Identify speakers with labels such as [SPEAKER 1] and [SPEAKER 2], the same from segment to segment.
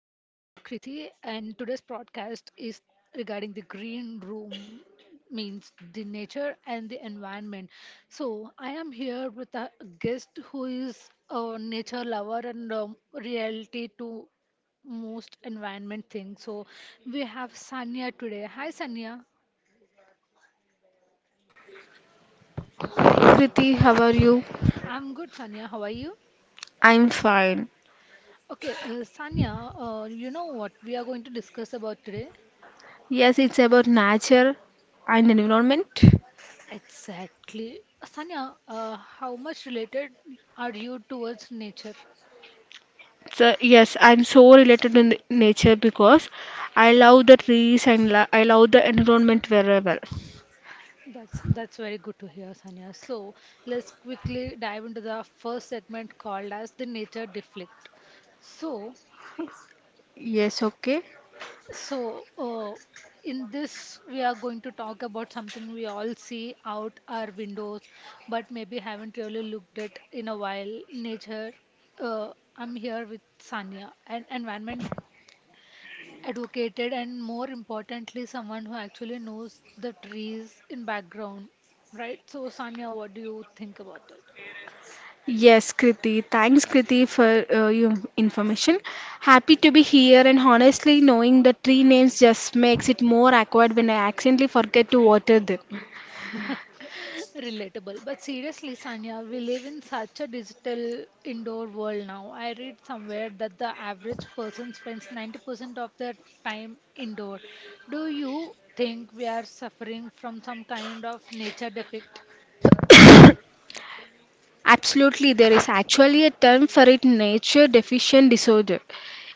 [SPEAKER 1] Kriti, and today's podcast is regarding the green room, means the nature and the environment. So, I am here with a guest who is a nature lover and reality to most environment thing. So, we have Sanya today. Hi, Sanya.
[SPEAKER 2] Kriti, how are you?
[SPEAKER 1] I'm good, Sanya. How are you?
[SPEAKER 2] I'm fine.
[SPEAKER 1] Okay, Sanya, you know what we are going to discuss about today?
[SPEAKER 2] Yes, it's about nature and environment.
[SPEAKER 1] Exactly. Sanya, how much related are you towards nature?
[SPEAKER 2] So, yes, I'm so related to nature because I love the trees and I love the environment very well.
[SPEAKER 1] That's very good to hear, Sanya. So let's quickly dive into the first segment called as the nature deflect. So
[SPEAKER 2] Yes, okay.
[SPEAKER 1] so uh, in this we are going to talk about something we all see out our windows, but maybe haven't really looked at in a while. Nature. I'm here with Sanya, an environment Advocated and more importantly, someone who actually knows the trees in background, right? So, Sanya, what do you think about it?
[SPEAKER 2] Yes, Kriti. Thanks, Kriti, for your information. Happy to be here, and honestly, knowing the tree names just makes it more awkward when I accidentally forget to water them.
[SPEAKER 1] Relatable. But seriously, Sanya, we live in such a digital indoor world now. I read somewhere that the average person spends 90% of their time indoor. Do you think we are suffering from some kind of nature defect?
[SPEAKER 2] Absolutely, there is actually a term for it, nature deficient disorder.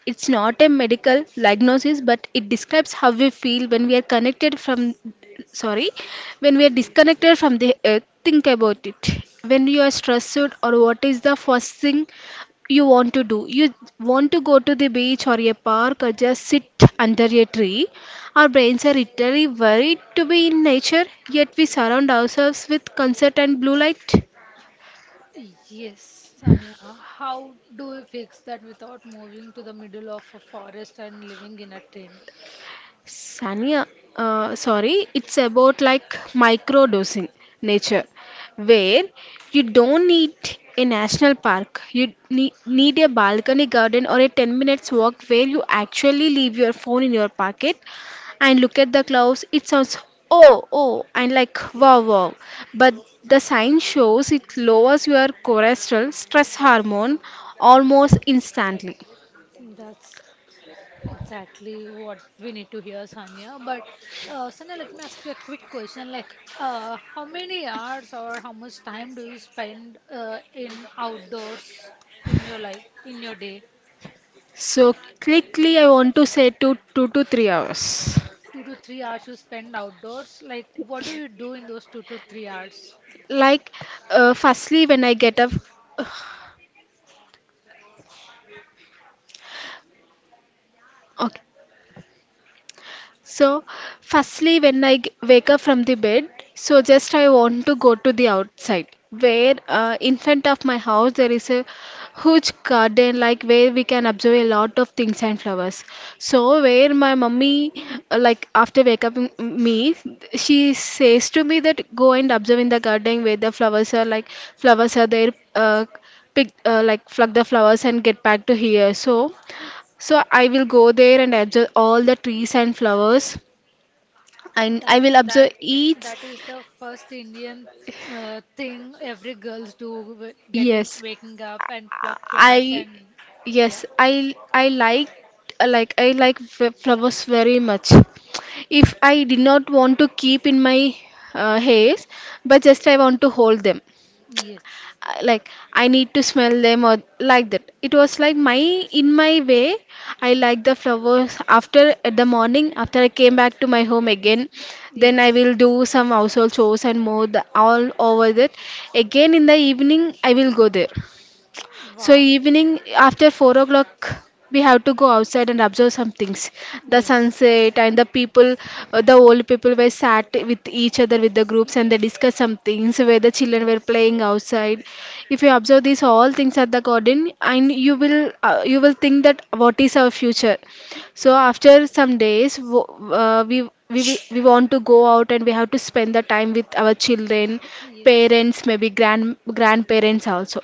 [SPEAKER 2] It's not a medical diagnosis, but it describes how we feel when we are sorry, when we are disconnected from the earth. Think about it. When you are stressed or what is the first thing you want to do? You want to go to the beach or a park or just sit under a tree. Our brains are literally worried to be in nature, yet we surround ourselves with concert and blue light.
[SPEAKER 1] Yes, Sania, how do we fix that without moving to the middle of a forest and living in a tent?
[SPEAKER 2] Sanya, sorry, it's about like microdosing nature, where you don't need a national park. You need a balcony garden or a 10 minutes walk where you actually leave your phone in your pocket and look at the clouds. It sounds oh, and like wow. But the science shows it lowers your cortisol stress hormone almost instantly.
[SPEAKER 1] That's exactly what we need to hear, Sanya. But Sanya, let me ask you a quick question. Like, how many hours or how much time do you spend in outdoors in your life, in your day?
[SPEAKER 2] So quickly, I want to say to 2 to 3 hours.
[SPEAKER 1] 2 to 3 hours you spend outdoors. Like, what do you do in those 2 to 3 hours?
[SPEAKER 2] Like, firstly, when I get uh, okay, So, firstly, when I wake up from the bed, so just I want to go to the outside where in front of my house there is a huge garden like where we can observe a lot of things and flowers. So, where my mummy like after wake up me, she says to me that go and observe in the garden where the flowers are like flowers are there, pick like pluck the flowers and get back to here. So, so I will go there and observe all the trees and flowers and I
[SPEAKER 1] That
[SPEAKER 2] will
[SPEAKER 1] that
[SPEAKER 2] observe each.
[SPEAKER 1] that is the first Indian thing every girls do getting
[SPEAKER 2] Yes,
[SPEAKER 1] waking up and pluck flowers
[SPEAKER 2] I
[SPEAKER 1] and yeah,
[SPEAKER 2] yes, I like I like flowers very much. If I did not want to keep in my hairs, but just I want to hold them.
[SPEAKER 1] yes,
[SPEAKER 2] Like, I need to smell them or like that. It was like my, in my way, I like the flowers. After at the morning, after I came back to my home again, then I
[SPEAKER 1] yes,
[SPEAKER 2] will do some household chores, and more the, all over that, again in the evening I will go there. So
[SPEAKER 1] wow,
[SPEAKER 2] evening after 4 o'clock, we have to go outside and observe some things. The
[SPEAKER 1] yes,
[SPEAKER 2] sunset and the people, the old people were sat with each other with the groups and they discuss some things where the children were
[SPEAKER 1] yes,
[SPEAKER 2] playing
[SPEAKER 1] yes,
[SPEAKER 2] outside. If you observe these all things at the garden, and you will think that what is our future. So after some days, we want to go out and we have to spend the time with our children,
[SPEAKER 1] yes.
[SPEAKER 2] parents, maybe grandparents also.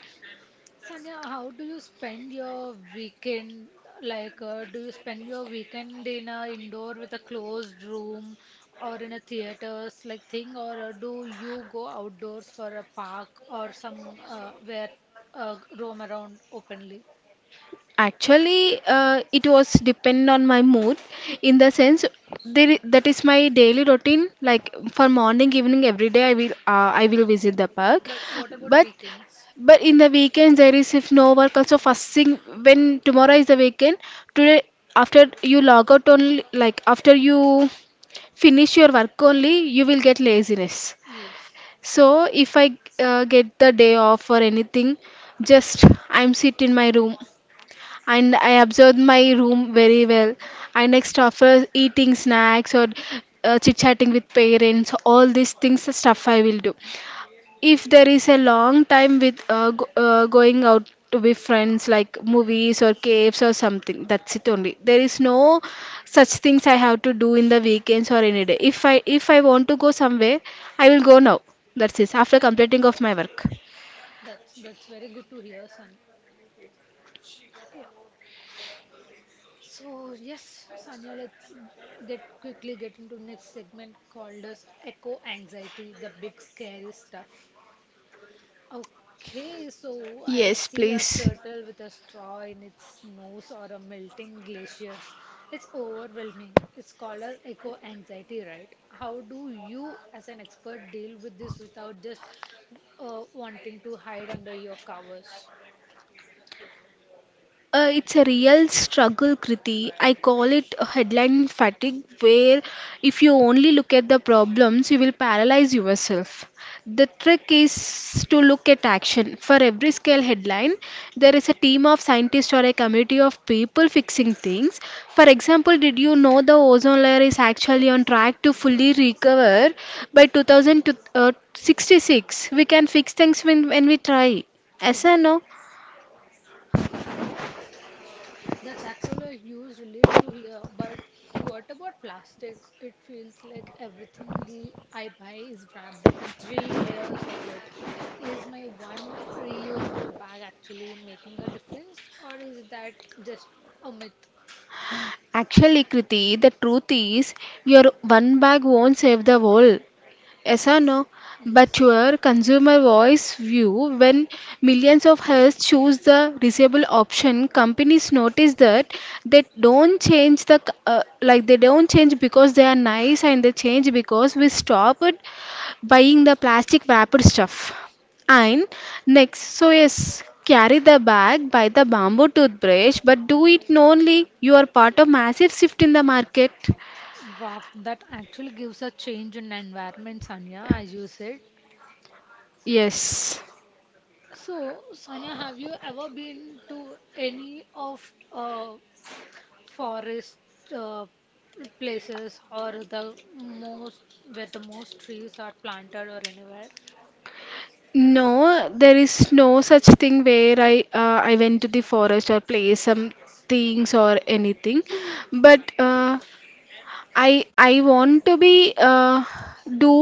[SPEAKER 1] Sanya, how do you spend your weekend? Like, do you spend your weekend in a indoor with a closed room or in a theaters like thing, or do you go outdoors for a park or some where roam around openly?
[SPEAKER 2] Actually, it was depend on my mood, in the sense there, that is my daily routine. Like for morning, evening, every day I will visit the park.
[SPEAKER 1] But what about
[SPEAKER 2] But
[SPEAKER 1] weekends?
[SPEAKER 2] in the weekends, there is if no work also, first thing when tomorrow is the weekend today, after you log out only, like after you finish your work only you will get laziness.
[SPEAKER 1] Yes.
[SPEAKER 2] So if I get the day off or anything, just I'm sit in my room and I observed my room very well. And next, after eating snacks or chit chatting with parents, all these things, the stuff I will do. If there is a long time with going out to be friends, like movies or caves or something, that's it only. There is no such things I have to do in the weekends or any day. If I want to go somewhere, I will go now. That's it. After
[SPEAKER 1] Like,
[SPEAKER 2] completing of my work.
[SPEAKER 1] that's very good to hear, Sun. Yeah. So yes, Sanya, let's get quickly get into next segment called as echo anxiety, the big scary stuff. Okay, so I
[SPEAKER 2] Yes,
[SPEAKER 1] see a
[SPEAKER 2] please.
[SPEAKER 1] turtle with a straw in its nose or a melting glaciers. It's overwhelming. It's called as eco anxiety, right? How do you, as an expert, deal with this without just wanting to hide under your covers?
[SPEAKER 2] It's a real struggle, Kriti. I call it a headline fatigue, where if you only look at the problems, you will paralyze yourself. The trick is to look at action. For every scale headline, there is a team of scientists or a community of people fixing things. For example, did you know the ozone layer is actually on track to fully recover by 2066? We can fix things when we try.
[SPEAKER 1] Is
[SPEAKER 2] Yes
[SPEAKER 1] it?
[SPEAKER 2] or no?
[SPEAKER 1] Oh. That's actually a huge relief to hear. But what about plastic? It feels like everything I buy is wrapped up in 3 layers of it. Is my one reusable bag actually making a difference, or is that just a myth?
[SPEAKER 2] Actually, Kriti, the truth is your one bag won't save the world. Yes or no? But
[SPEAKER 1] Yes.
[SPEAKER 2] your consumer voice view, when millions of us choose the reusable option, companies notice that they don't change the like they don't change because they are nice, and they change because we stopped buying the plastic wrapped stuff. And next, so yes, carry the bag, buy the bamboo toothbrush, but do it only you are part of massive shift in the market.
[SPEAKER 1] Wow, that actually gives a change in environment, Sanya, as you said.
[SPEAKER 2] Yes.
[SPEAKER 1] So, Sanya, have you ever been to any of forest uh, places or the most where the most trees are planted or anywhere.
[SPEAKER 2] No, there is no such thing where I went to the forest or play some things or anything. But I want to be do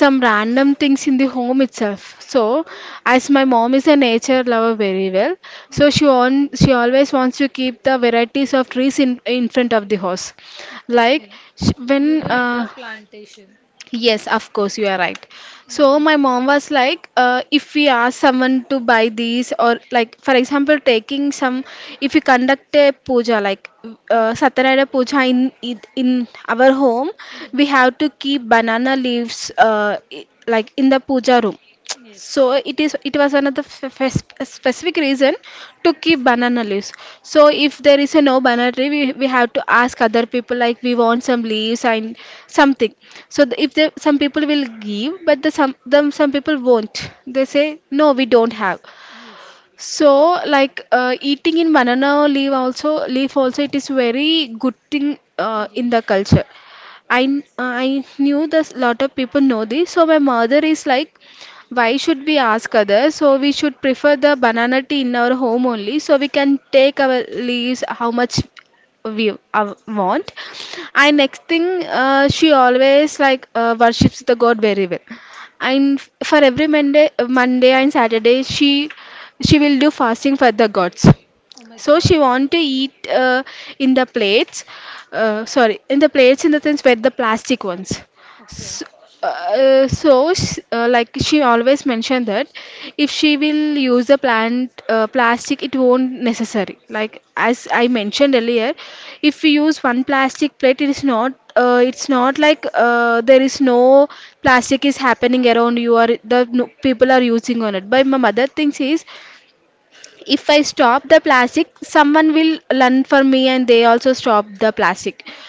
[SPEAKER 2] some random things in the home itself. So, as my mom is a nature lover very well, so
[SPEAKER 1] Hmm.
[SPEAKER 2] she always wants to keep the varieties of trees in front of the house. Like
[SPEAKER 1] Okay.
[SPEAKER 2] sh- when
[SPEAKER 1] You do indoor plantation.
[SPEAKER 2] yes, of course, you are right. So
[SPEAKER 1] Mm-hmm.
[SPEAKER 2] my mom was like, if we ask someone to buy these, or like, for example, taking some, if we conduct a puja, like
[SPEAKER 1] Mm-hmm.
[SPEAKER 2] Satyanarayana puja in our home, we
[SPEAKER 1] Mm-hmm.
[SPEAKER 2] have to keep banana leaves, like in the puja room. So
[SPEAKER 1] Yes.
[SPEAKER 2] it is, it was another specific reason to keep banana leaves. So if there is a no banana tree, we have to ask other people, like we want some leaves and something. So if the, some people will give, but the some them some people won't, they say no, we don't have.
[SPEAKER 1] Yes.
[SPEAKER 2] So like, eating in banana leaf also leaf also, it is very good thing in the
[SPEAKER 1] Yes.
[SPEAKER 2] culture. I knew this, lot of people know this, so my mother is like, why should we ask others? So we should prefer the banana tea in our home only, so we can take our leaves how much we want. And next thing, she always like worships the God very well. And for every Monday and Saturday, she will do fasting for the gods.
[SPEAKER 1] Oh my
[SPEAKER 2] So
[SPEAKER 1] God.
[SPEAKER 2] she want to eat in the plates, sorry, in the plates in the sense where the plastic ones.
[SPEAKER 1] Okay.
[SPEAKER 2] So, so sh like she always mentioned that if she will use the plant plastic, it won't necessary. Like as I mentioned earlier, if we use one plastic plate, it is not. It's not like there is no plastic is happening around you or the no, people are using on it. But my mother thinks is, if I stop the plastic, someone will learn for me and they also stop the plastic.
[SPEAKER 1] Like,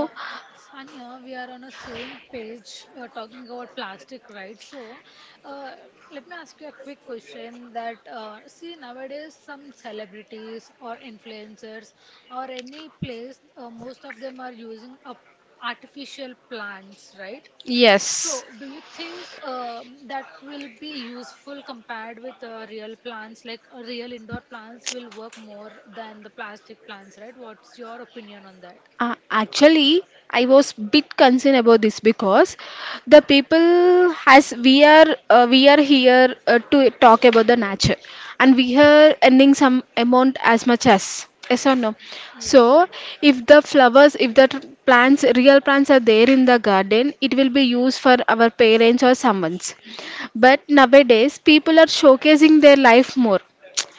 [SPEAKER 1] uh, Sanya, we are on the same page talking about plastic, right? So, uh, let me ask you a quick question that, see, nowadays some celebrities or influencers or any place, most of them are using up artificial plants, right?
[SPEAKER 2] yes.
[SPEAKER 1] So, do you think that will be useful compared with real plants? Like, real indoor plants will work more than the plastic plants, right? What's your opinion on that?
[SPEAKER 2] Actually, I was bit concerned about this because the people has we are here to talk about the nature, and we are earning some amount as much as yes or no.
[SPEAKER 1] Yes.
[SPEAKER 2] So if the flowers, if the plants, real plants are there in the garden, it will be used for our parents or someone's. But nowadays, people are showcasing their life more,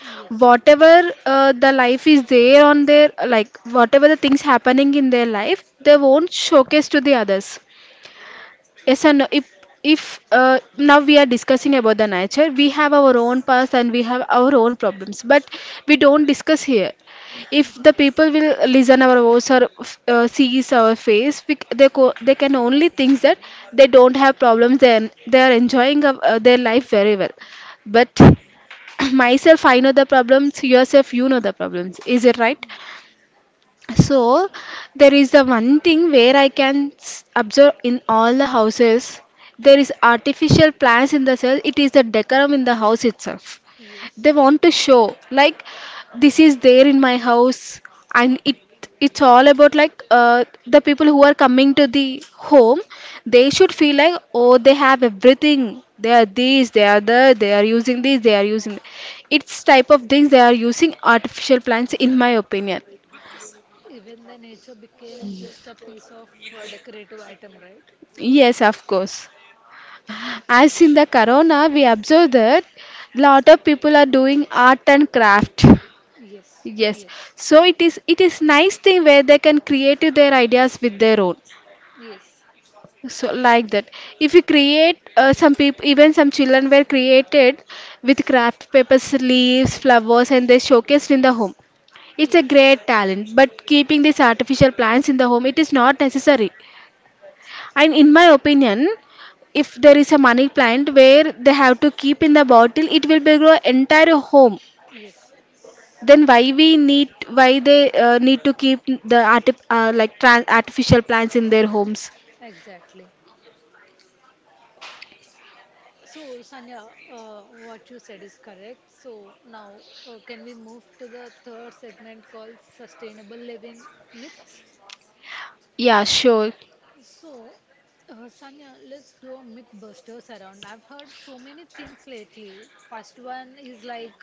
[SPEAKER 1] Yes.
[SPEAKER 2] whatever the life is there on their, like whatever the things happening in their life they won't showcase to the others, yes and no. If now we are discussing about the nature, we have our own past and we have our own problems, but we don't discuss here. If the people will listen our voice or sees our face, we, they can only think that they don't have problems, then they are enjoying of, their life very well. But myself I know the problems, yourself you know the problems, is it right?
[SPEAKER 1] Mhm.
[SPEAKER 2] So there is a one thing where I can observe in all the houses, there is artificial plants in the cell. It is the decorum in the house itself.
[SPEAKER 1] Yes.
[SPEAKER 2] They want to show like this is there in my house, and it's all about like the people who are coming to the home. They should feel like, oh, they have everything. They are this, they are that, they are using this, they are using. It's type of things, they are using artificial plants in my opinion.
[SPEAKER 1] Even the nature became just a piece of decorative item, right?
[SPEAKER 2] Yes, of course. As in the corona, we observe that lot of people are doing art and craft.
[SPEAKER 1] Yes.
[SPEAKER 2] Yes.
[SPEAKER 1] Yes.
[SPEAKER 2] So it is, it is nice thing where they can create their ideas with their own.
[SPEAKER 1] Yes.
[SPEAKER 2] So like that. If you create some people, even some children were created with craft papers, leaves, flowers, and they showcased in the home. It's a
[SPEAKER 1] Yes.
[SPEAKER 2] great talent, but keeping these artificial plants in the home, it is not necessary. And in my opinion, if there is a money plant where they have to keep in the bottle, it will be grow entire home.
[SPEAKER 1] Yes,
[SPEAKER 2] Then why they need to keep the arti- like tran artificial plants in their homes?
[SPEAKER 1] exactly. So, Sanya, what you said is correct. So, now can we move to the third segment called Sustainable Living Myths?
[SPEAKER 2] Yeah, sure.
[SPEAKER 1] So, Sanya, let's do a Mythbusters around. I've heard so many things lately. First one is like,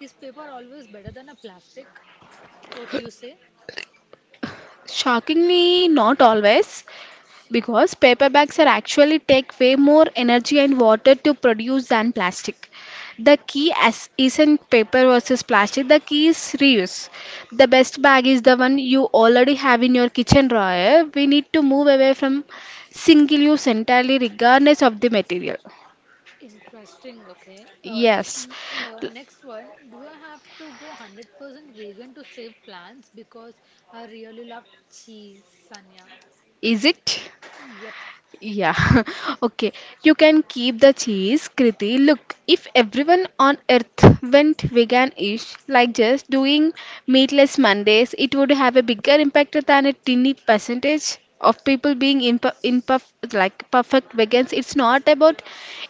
[SPEAKER 1] is paper always better than a plastic? What you say?
[SPEAKER 2] Shockingly, not always. Because paper bags are actually take way more energy and water to produce than plastic. The key as isn't paper versus plastic, the key is reuse. The best bag is the one you already have in your kitchen drawer. We need to move away from single use entirely regardless of the material.
[SPEAKER 1] Interesting, okay.
[SPEAKER 2] Yes.
[SPEAKER 1] N- Next one, do I have to go 100% vegan to save plants because I really love cheese, Sanya?
[SPEAKER 2] Is it?
[SPEAKER 1] Yep.
[SPEAKER 2] Yeah, okay. You can keep the cheese, Kriti. Look, if everyone on earth went vegan-ish, like just doing meatless Mondays, it would have a bigger impact than a tiny percentage of people being imper imperf like perfect vegans. It's not about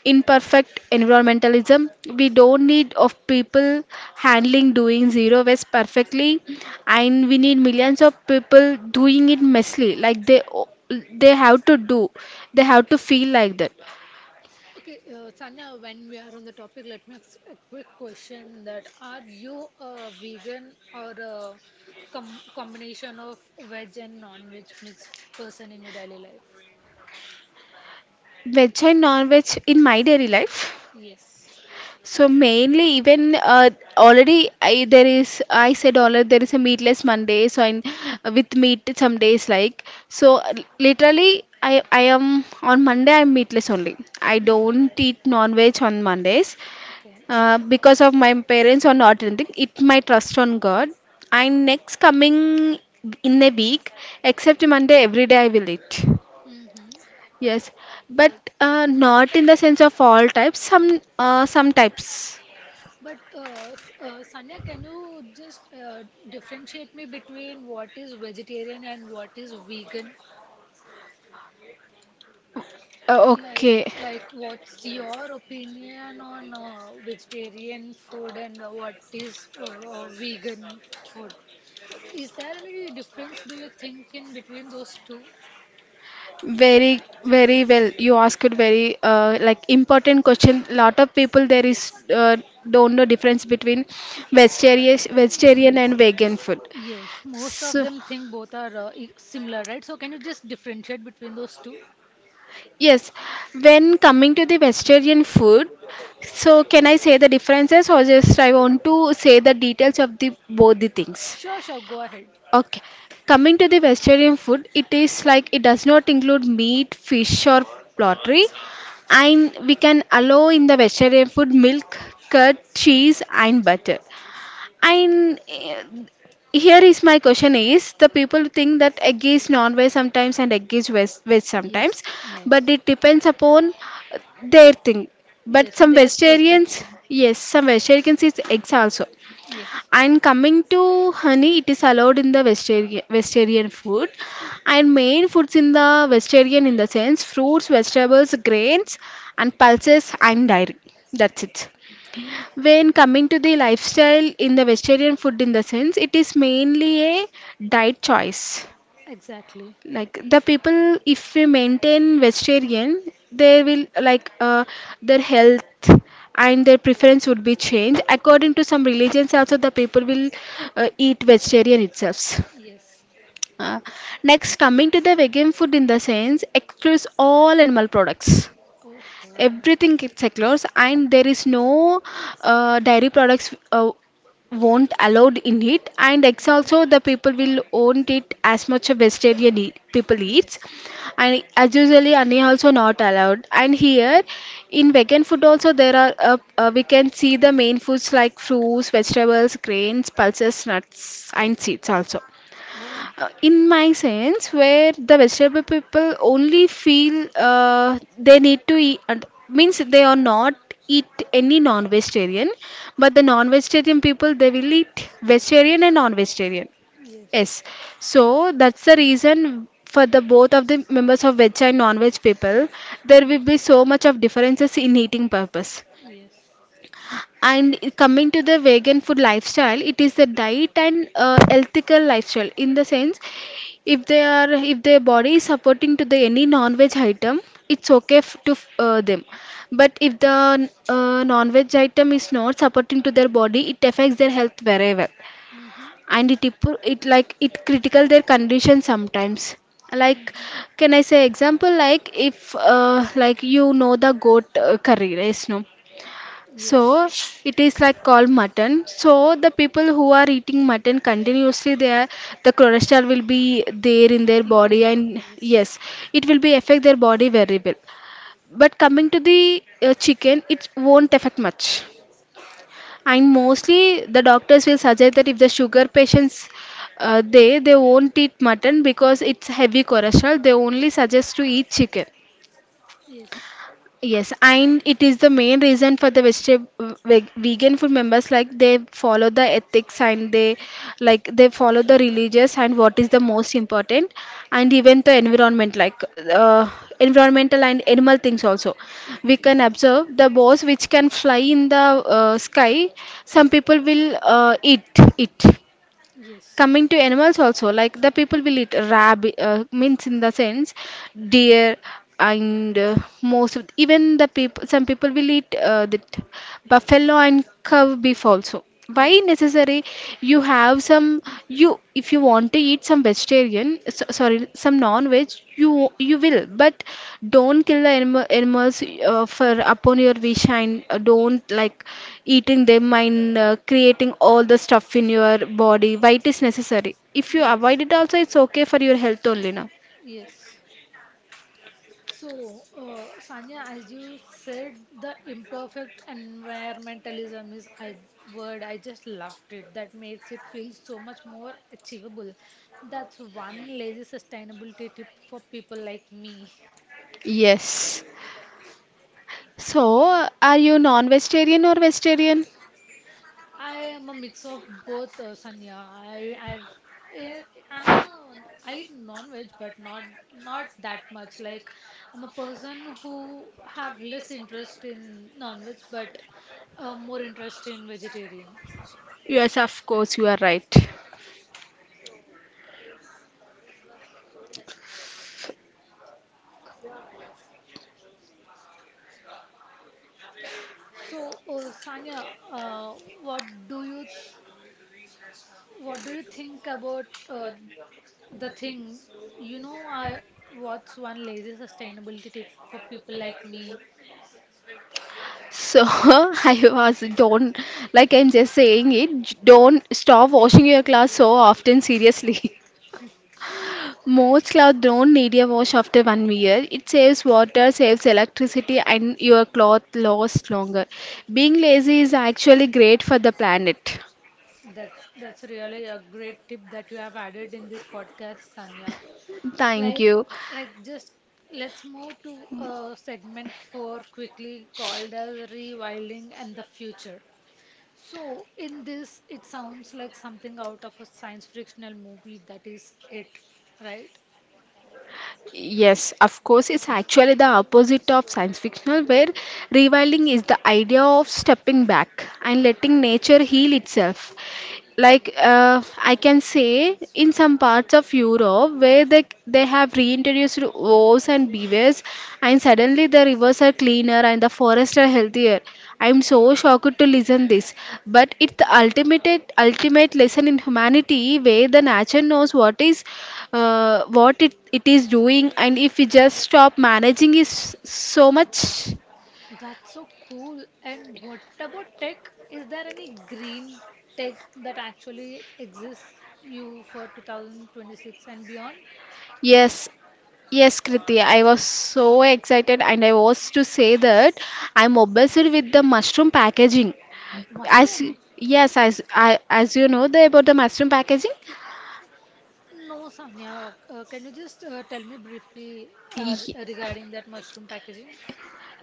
[SPEAKER 2] imperfect environmentalism. We don't need of people handling doing zero waste perfectly, and we need millions of people doing it messily, like they have to do they have to feel like that
[SPEAKER 1] Okay, Sanya, when we are on the topic, let me ask a quick question that are you a vegan or a combination of veg and non-veg mixed person in your daily life?
[SPEAKER 2] veg and non-veg in my daily life.
[SPEAKER 1] Yes.
[SPEAKER 2] So mainly even already there is I said already there is a meatless Monday, so I with meat some days like so literally I am on Monday I'm meatless only. I don't eat non-veg on Mondays
[SPEAKER 1] Okay.
[SPEAKER 2] because of my parents or not anything, it my trust on God. And next coming in a week except Monday every day I will eat.
[SPEAKER 1] Mm-hmm.
[SPEAKER 2] Yes, but
[SPEAKER 1] That's,
[SPEAKER 2] not
[SPEAKER 1] but
[SPEAKER 2] in the sense of all types, some types.
[SPEAKER 1] Sanya, can you just differentiate me between what is vegetarian and what is vegan? Like,
[SPEAKER 2] Okay,
[SPEAKER 1] like what's your opinion on vegetarian food and what is vegan food? Is there any difference, do you think, in between those two?
[SPEAKER 2] very very well. You asked very like important question. Lot of people there is
[SPEAKER 1] Yes.
[SPEAKER 2] don't know difference between vegetarian
[SPEAKER 1] Yes.
[SPEAKER 2] and vegan food.
[SPEAKER 1] Yes, most of
[SPEAKER 2] So
[SPEAKER 1] them think both are similar, right? So can you just differentiate between those two?
[SPEAKER 2] yes, when coming to the vegetarian food, so can I say the differences or just I want to say the details of the both the things?
[SPEAKER 1] Sure, sure, go ahead.
[SPEAKER 2] Okay, coming to the vegetarian food, it is like it does not include meat, fish, or poultry, and we can allow in the vegetarian food milk, curd, cheese, and butter. And eh, here is my question: Is the people think that egg is non-veg sometimes and egg is veg sometimes,
[SPEAKER 1] Yes,
[SPEAKER 2] but
[SPEAKER 1] yes.
[SPEAKER 2] it depends upon their thing. But
[SPEAKER 1] Yes,
[SPEAKER 2] some
[SPEAKER 1] there's
[SPEAKER 2] vegetarians,
[SPEAKER 1] perspection.
[SPEAKER 2] yes, some vegetarians eat eggs also.
[SPEAKER 1] Yes.
[SPEAKER 2] And coming to honey, it is allowed in the vegetarian food. And main foods in the vegetarian in the sense fruits, vegetables, grains, and pulses and dairy. That's it. When coming to the lifestyle in the vegetarian food in the sense, it is mainly a diet choice
[SPEAKER 1] Exactly.
[SPEAKER 2] like the people if we maintain vegetarian they will like their health and their preference would be changed according to some religions also the people will eat vegetarian itself.
[SPEAKER 1] Yes.
[SPEAKER 2] uh, Next coming to the vegan food in the sense excludes all animal products,
[SPEAKER 1] Oh, oh.
[SPEAKER 2] everything gets secures and there is no dairy products won't allowed in it and eggs
[SPEAKER 1] Mhm.
[SPEAKER 2] also the people will own it as much a vegetarian eat, people eats.
[SPEAKER 1] Yes.
[SPEAKER 2] And as usually honey also not allowed and here in vegan food also there are we can see the main foods like fruits, vegetables, grains, pulses, nuts and seeds also.
[SPEAKER 1] Oh, yes.
[SPEAKER 2] In my sense where the vegetable people only feel they need to eat and means they are not eat any non-vegetarian, but the non-vegetarian people they will eat vegetarian and non-vegetarian. Yes. So that's the reason for the both of the members of veg and non-veg people there will be so much of differences in eating purpose.
[SPEAKER 1] Mhm. Yes.
[SPEAKER 2] And coming to the vegan food lifestyle, it is the diet and ethical lifestyle in the sense if they are if their body is supporting to the any non-veg item, it's okay to them. But if the non-veg item is not supporting to their body, it affects their health very well. And it critical their condition sometimes.
[SPEAKER 1] Mm-hmm.
[SPEAKER 2] Like,
[SPEAKER 1] Mm-hmm.
[SPEAKER 2] can I say example like if like you know the goat curry, right? No. So
[SPEAKER 1] Yes.
[SPEAKER 2] it is like called mutton. So the people who are eating mutton continuously, they are, the cholesterol will be there in their body,
[SPEAKER 1] Increasing.
[SPEAKER 2] and
[SPEAKER 1] Yes.
[SPEAKER 2] yes, it will be affect their body very well. But coming to the chicken, it won't affect much. And mostly the doctors will suggest that if the sugar patients they won't eat mutton because it's heavy cholesterol. They only suggest to eat chicken.
[SPEAKER 1] Yes.
[SPEAKER 2] Yes, and it is the main reason for the vegan food members like they follow the ethics and they like they follow the religious and what is the most important and even the environment like uh, environmental and animal things also. We can observe the birds which can fly in the sky. Some people will eat it.
[SPEAKER 1] Yes. Yes.
[SPEAKER 2] Coming to animals also, like the people will eat rabbit means in the sense deer and most of, even the people some people will eat the buffalo and cow beef also. Why necessary? You have some, you if you want to eat some vegetarian so, sorry some non-veg, you will but don't kill the animals for upon your wish and don't like eating them and creating all the stuff in your body. Why it is necessary? If you
[SPEAKER 1] Yes. Yes.
[SPEAKER 2] avoid it also, it's okay for your health only now.
[SPEAKER 1] Yes. So, Sanya, as you said, the imperfect environmentalism is a word. I just loved it. That makes it feel so much more achievable. That's one lazy sustainability tip for people like me.
[SPEAKER 2] Yes. So, are you non-vegetarian or vegetarian?
[SPEAKER 1] I am a mix of both, Sanya. I, I'm a, I eat non-veg, but not not that much. Like, I'm a person who have less interest in non-veg, but more interest in vegetarian.
[SPEAKER 2] Yes, of course you are right.
[SPEAKER 1] So, Sanya, uh, what do you what do you think about the thing? You know, I what's one lazy sustainability tip for people like me?
[SPEAKER 2] So, I was don't like I'm just saying it. Don't stop washing your clothes so often. Seriously. Most clothes don't need a wash after 1 year. It saves water, saves electricity, and your cloth lasts longer. Being lazy is actually great for the planet.
[SPEAKER 1] That's really a great tip that you have added in this podcast, Sanya.
[SPEAKER 2] Thank
[SPEAKER 1] Like
[SPEAKER 2] you.
[SPEAKER 1] just let's move to segment four quickly called as rewilding and the future. So, in this, it sounds like something out of a science fictional movie that is it, right?
[SPEAKER 2] Yes, of course, it's actually the opposite of science fictional, where rewilding is the idea of stepping back and letting nature heal itself. Like I can say in some parts of Europe where they have reintroduced wolves and beavers and suddenly the rivers are cleaner and the forests are healthier. I'm so shocked to listen this, but it's the ultimate lesson in humanity where the nature knows what is what it is doing and if we just stop managing is so much.
[SPEAKER 1] That's so cool. And what about tech? Is there any green tech that actually exists you for 2026 and beyond?
[SPEAKER 2] Yes. Yes, Kriti, I was so excited, and I was to say that I'm obsessed with the mushroom packaging. As
[SPEAKER 1] Mushroom?
[SPEAKER 2] yes, as as you know the, about the mushroom packaging.
[SPEAKER 1] No, Sanya. Can you just tell me briefly
[SPEAKER 2] Ye-
[SPEAKER 1] regarding that mushroom packaging?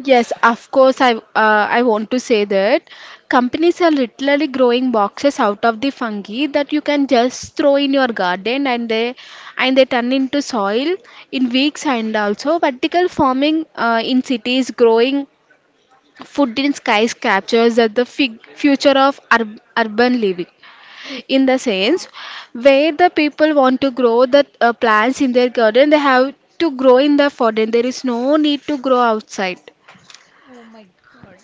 [SPEAKER 2] Yes, of course. I want to say that companies are literally growing boxes out of the fungi that you can just throw in your garden, and they turn into soil in weeks, and also vertical farming in cities growing Food in Skies captures that the future of urban living in the
[SPEAKER 1] Uh,
[SPEAKER 2] sense where the people want to grow the plants in their garden, they have to grow in the garden. There is no need to grow outside.
[SPEAKER 1] oh my God.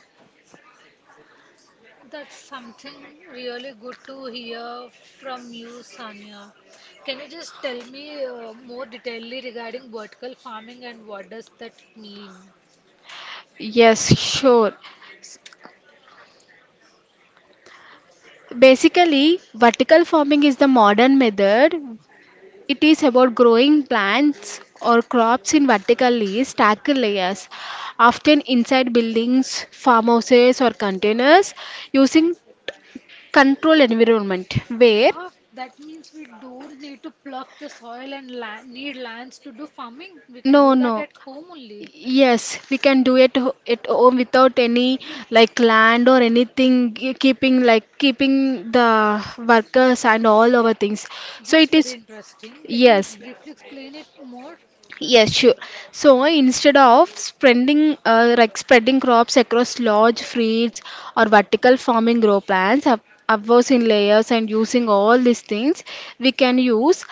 [SPEAKER 1] That's something really good to hear from you, Sanya. Can you just tell me more detailedly regarding vertical farming and what does that mean?
[SPEAKER 2] Yes, sure. Basically, vertical farming is the modern method. It is about growing plants or crops in vertically stacked layers, often inside buildings, farmhouses, or containers, using control environment where
[SPEAKER 1] Wow, that means we don't need to plough the soil and la need lands to do farming. We can do
[SPEAKER 2] no.
[SPEAKER 1] that at home only.
[SPEAKER 2] Yes, we can do it at home without any like land or anything keeping like keeping the workers and all our things. So
[SPEAKER 1] That's
[SPEAKER 2] it is,
[SPEAKER 1] very interesting. Can you
[SPEAKER 2] yes,
[SPEAKER 1] briefly explain it more?
[SPEAKER 2] yes sure. So instead of spreading like spreading crops across large fields or vertical farming grow plans up upwards in layers and using all these things we can use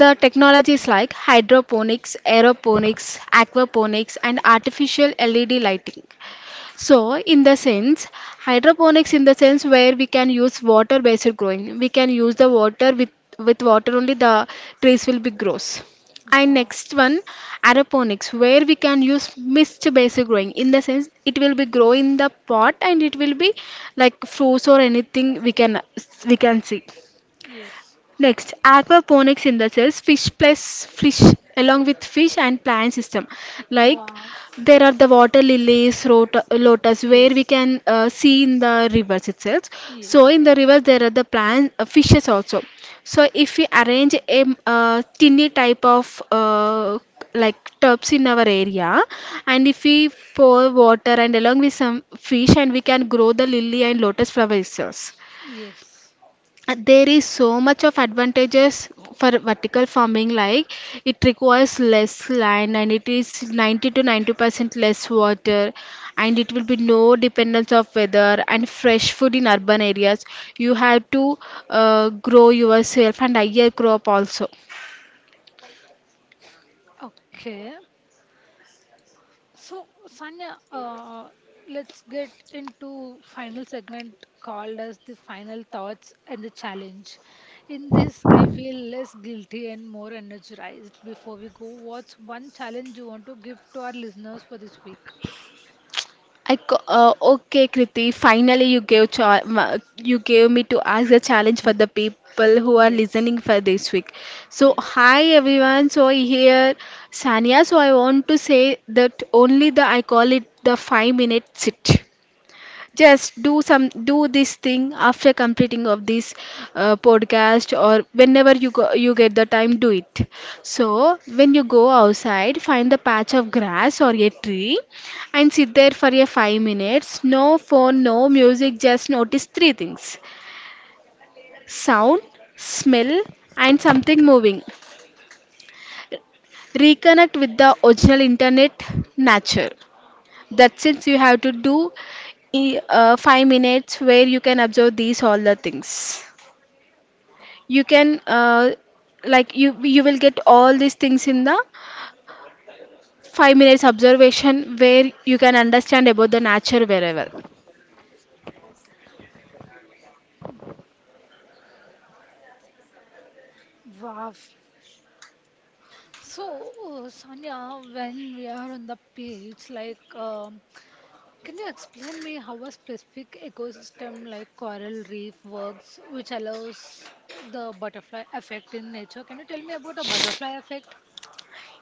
[SPEAKER 2] the technologies like hydroponics, aeroponics, aquaponics, and artificial LED lighting. So, in the sense, hydroponics in the sense where we can use water-based growing. We can use the water with water only the trees will be grows. And
[SPEAKER 1] Wow.
[SPEAKER 2] next one, aeroponics, where we can use mist-based growing. In the sense, it will be grow in the pot and it will be like fruits or anything we can see.
[SPEAKER 1] Yes.
[SPEAKER 2] Next, aquaponics synthesis, fish along with fish and plant system. Like
[SPEAKER 1] Wow.
[SPEAKER 2] there are the water lilies, lotus, where we
[SPEAKER 1] Yes.
[SPEAKER 2] can see in the rivers itself.
[SPEAKER 1] Yes.
[SPEAKER 2] So in the rivers there are the plant fishes also. So if we arrange a tiny type of like tubs in our area, and if we pour water and along with some fish, and we can grow the lily and lotus flower itself.
[SPEAKER 1] Yes.
[SPEAKER 2] There is so much of advantages for vertical farming, like it requires less land and it is 90 percent less water, and it will be no dependence of weather and fresh food in urban areas. You have to grow yourself and higher crop also.
[SPEAKER 1] Okay. So, Sanya, let's get into final segment called as the final thoughts and the challenge. In this, I feel less guilty and more energized. Before we go, what's one challenge you want to give to our listeners for this week?
[SPEAKER 2] Okay, Kriti. Finally, you gave you gave me to ask a challenge for the people who are
[SPEAKER 1] Yes.
[SPEAKER 2] listening for this week. So,
[SPEAKER 1] Yes.
[SPEAKER 2] hi everyone. So here, Sanya. So I want to say that only the I call it the 5 minute sit. Just do this thing after completing of this podcast, or whenever you go you get the time, do it. So when you go outside, find the patch of grass or a tree and sit there for a 5 minutes. No phone, no music, just notice 3 things: sound, smell, and something moving. Reconnect with the original internet, nature. That since you have to do 5 minutes where you can observe these all the things. You can like you will get all these things in the 5 minutes observation where you can understand about the nature wherever.
[SPEAKER 1] Wow. So, Sanya, when we are on the page, like can you explain me how a specific ecosystem like coral reef works, which allows the butterfly effect in nature? Can you tell me about the butterfly effect?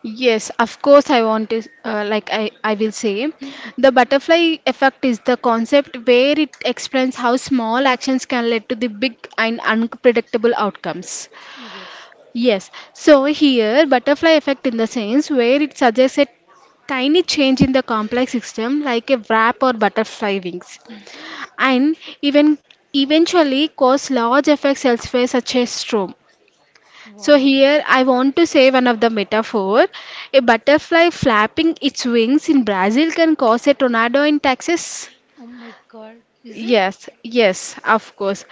[SPEAKER 2] Yes, of course I want to like I will say the butterfly effect is the concept where it explains how small actions can lead to the big and unpredictable outcomes.
[SPEAKER 1] Yes.
[SPEAKER 2] Yes, so here butterfly effect in the sense where it suggests a tiny change in the complex system like a wrap or butterfly wings, and even eventually cause large effects elsewhere such as storm. So
[SPEAKER 1] Wow.
[SPEAKER 2] here I want to say one of the metaphor. A butterfly flapping its wings in Brazil can cause a tornado in Texas.
[SPEAKER 1] Oh my God. Is it?
[SPEAKER 2] Yes, yes, of course.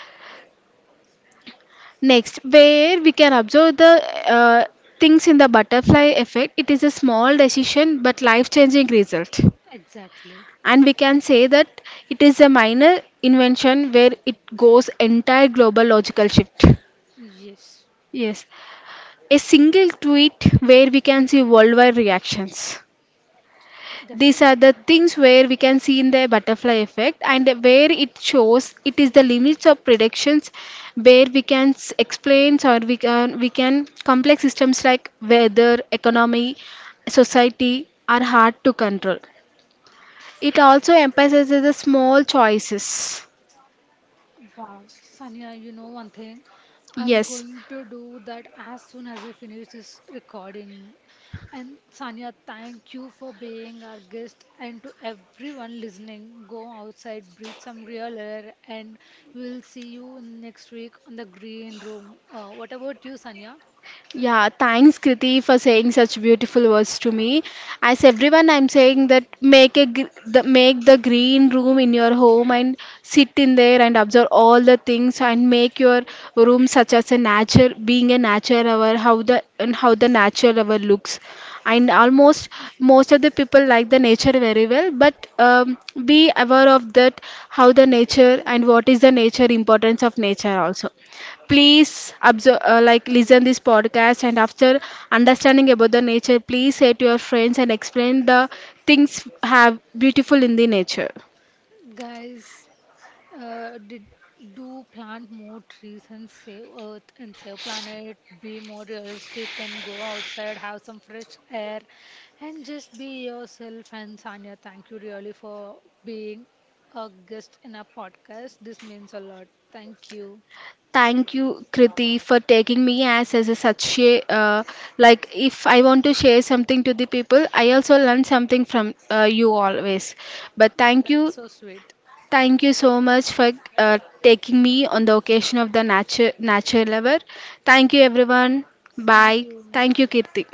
[SPEAKER 2] Next, where we can observe the uh, things in the butterfly effect, it is a small decision but life changing result.
[SPEAKER 1] Exactly.
[SPEAKER 2] And we can say that it is a minor invention where it goes entire global logical shift.
[SPEAKER 1] Yes.
[SPEAKER 2] Yes, a single tweet where we can see worldwide reactions. These are the
[SPEAKER 1] Definitely.
[SPEAKER 2] things where we can see in the butterfly effect, and where it shows it is the limits of predictions, where we can explain, or we can complex systems like weather, economy, society are hard to control. It also emphasizes the small choices.
[SPEAKER 1] Wow, Sanya, you know one thing? I'm
[SPEAKER 2] Yes.
[SPEAKER 1] going to do that as soon as I finish this recording. And Sanya, thank you for being our guest and to everyone listening. Go outside, breathe some real air, and we'll see you next week on the green room. What about you, Sanya?
[SPEAKER 2] Yeah, thanks Kriti for saying such beautiful words to me. As everyone, I'm saying that make the green room in your home and sit in there and observe all the things, and make your room such as a nature, being a nature lover. How the and how the nature lover looks. And almost most of the people like the nature very well, but be aware of that how the nature and what is the nature, importance of nature also. Please observe, like listen this podcast, and after understanding about the nature, please say to your friends and explain the things have beautiful in the nature.
[SPEAKER 1] Guys, did do plant more trees and save Earth and save planet, be more realistic and go outside, have some fresh air, and just be yourself. And Sanya, thank you really for being a guest in our podcast. This means a lot. Thank you.
[SPEAKER 2] Thank you, Kriti, for taking me as a such a like if I want to share something to the people, I also learn something from you always. But thank you.
[SPEAKER 1] That's so sweet.
[SPEAKER 2] Thank you so much for taking me on the occasion of the nature lover. Thank you everyone.
[SPEAKER 1] Thank
[SPEAKER 2] Bye.
[SPEAKER 1] you.
[SPEAKER 2] Thank you, Kirti.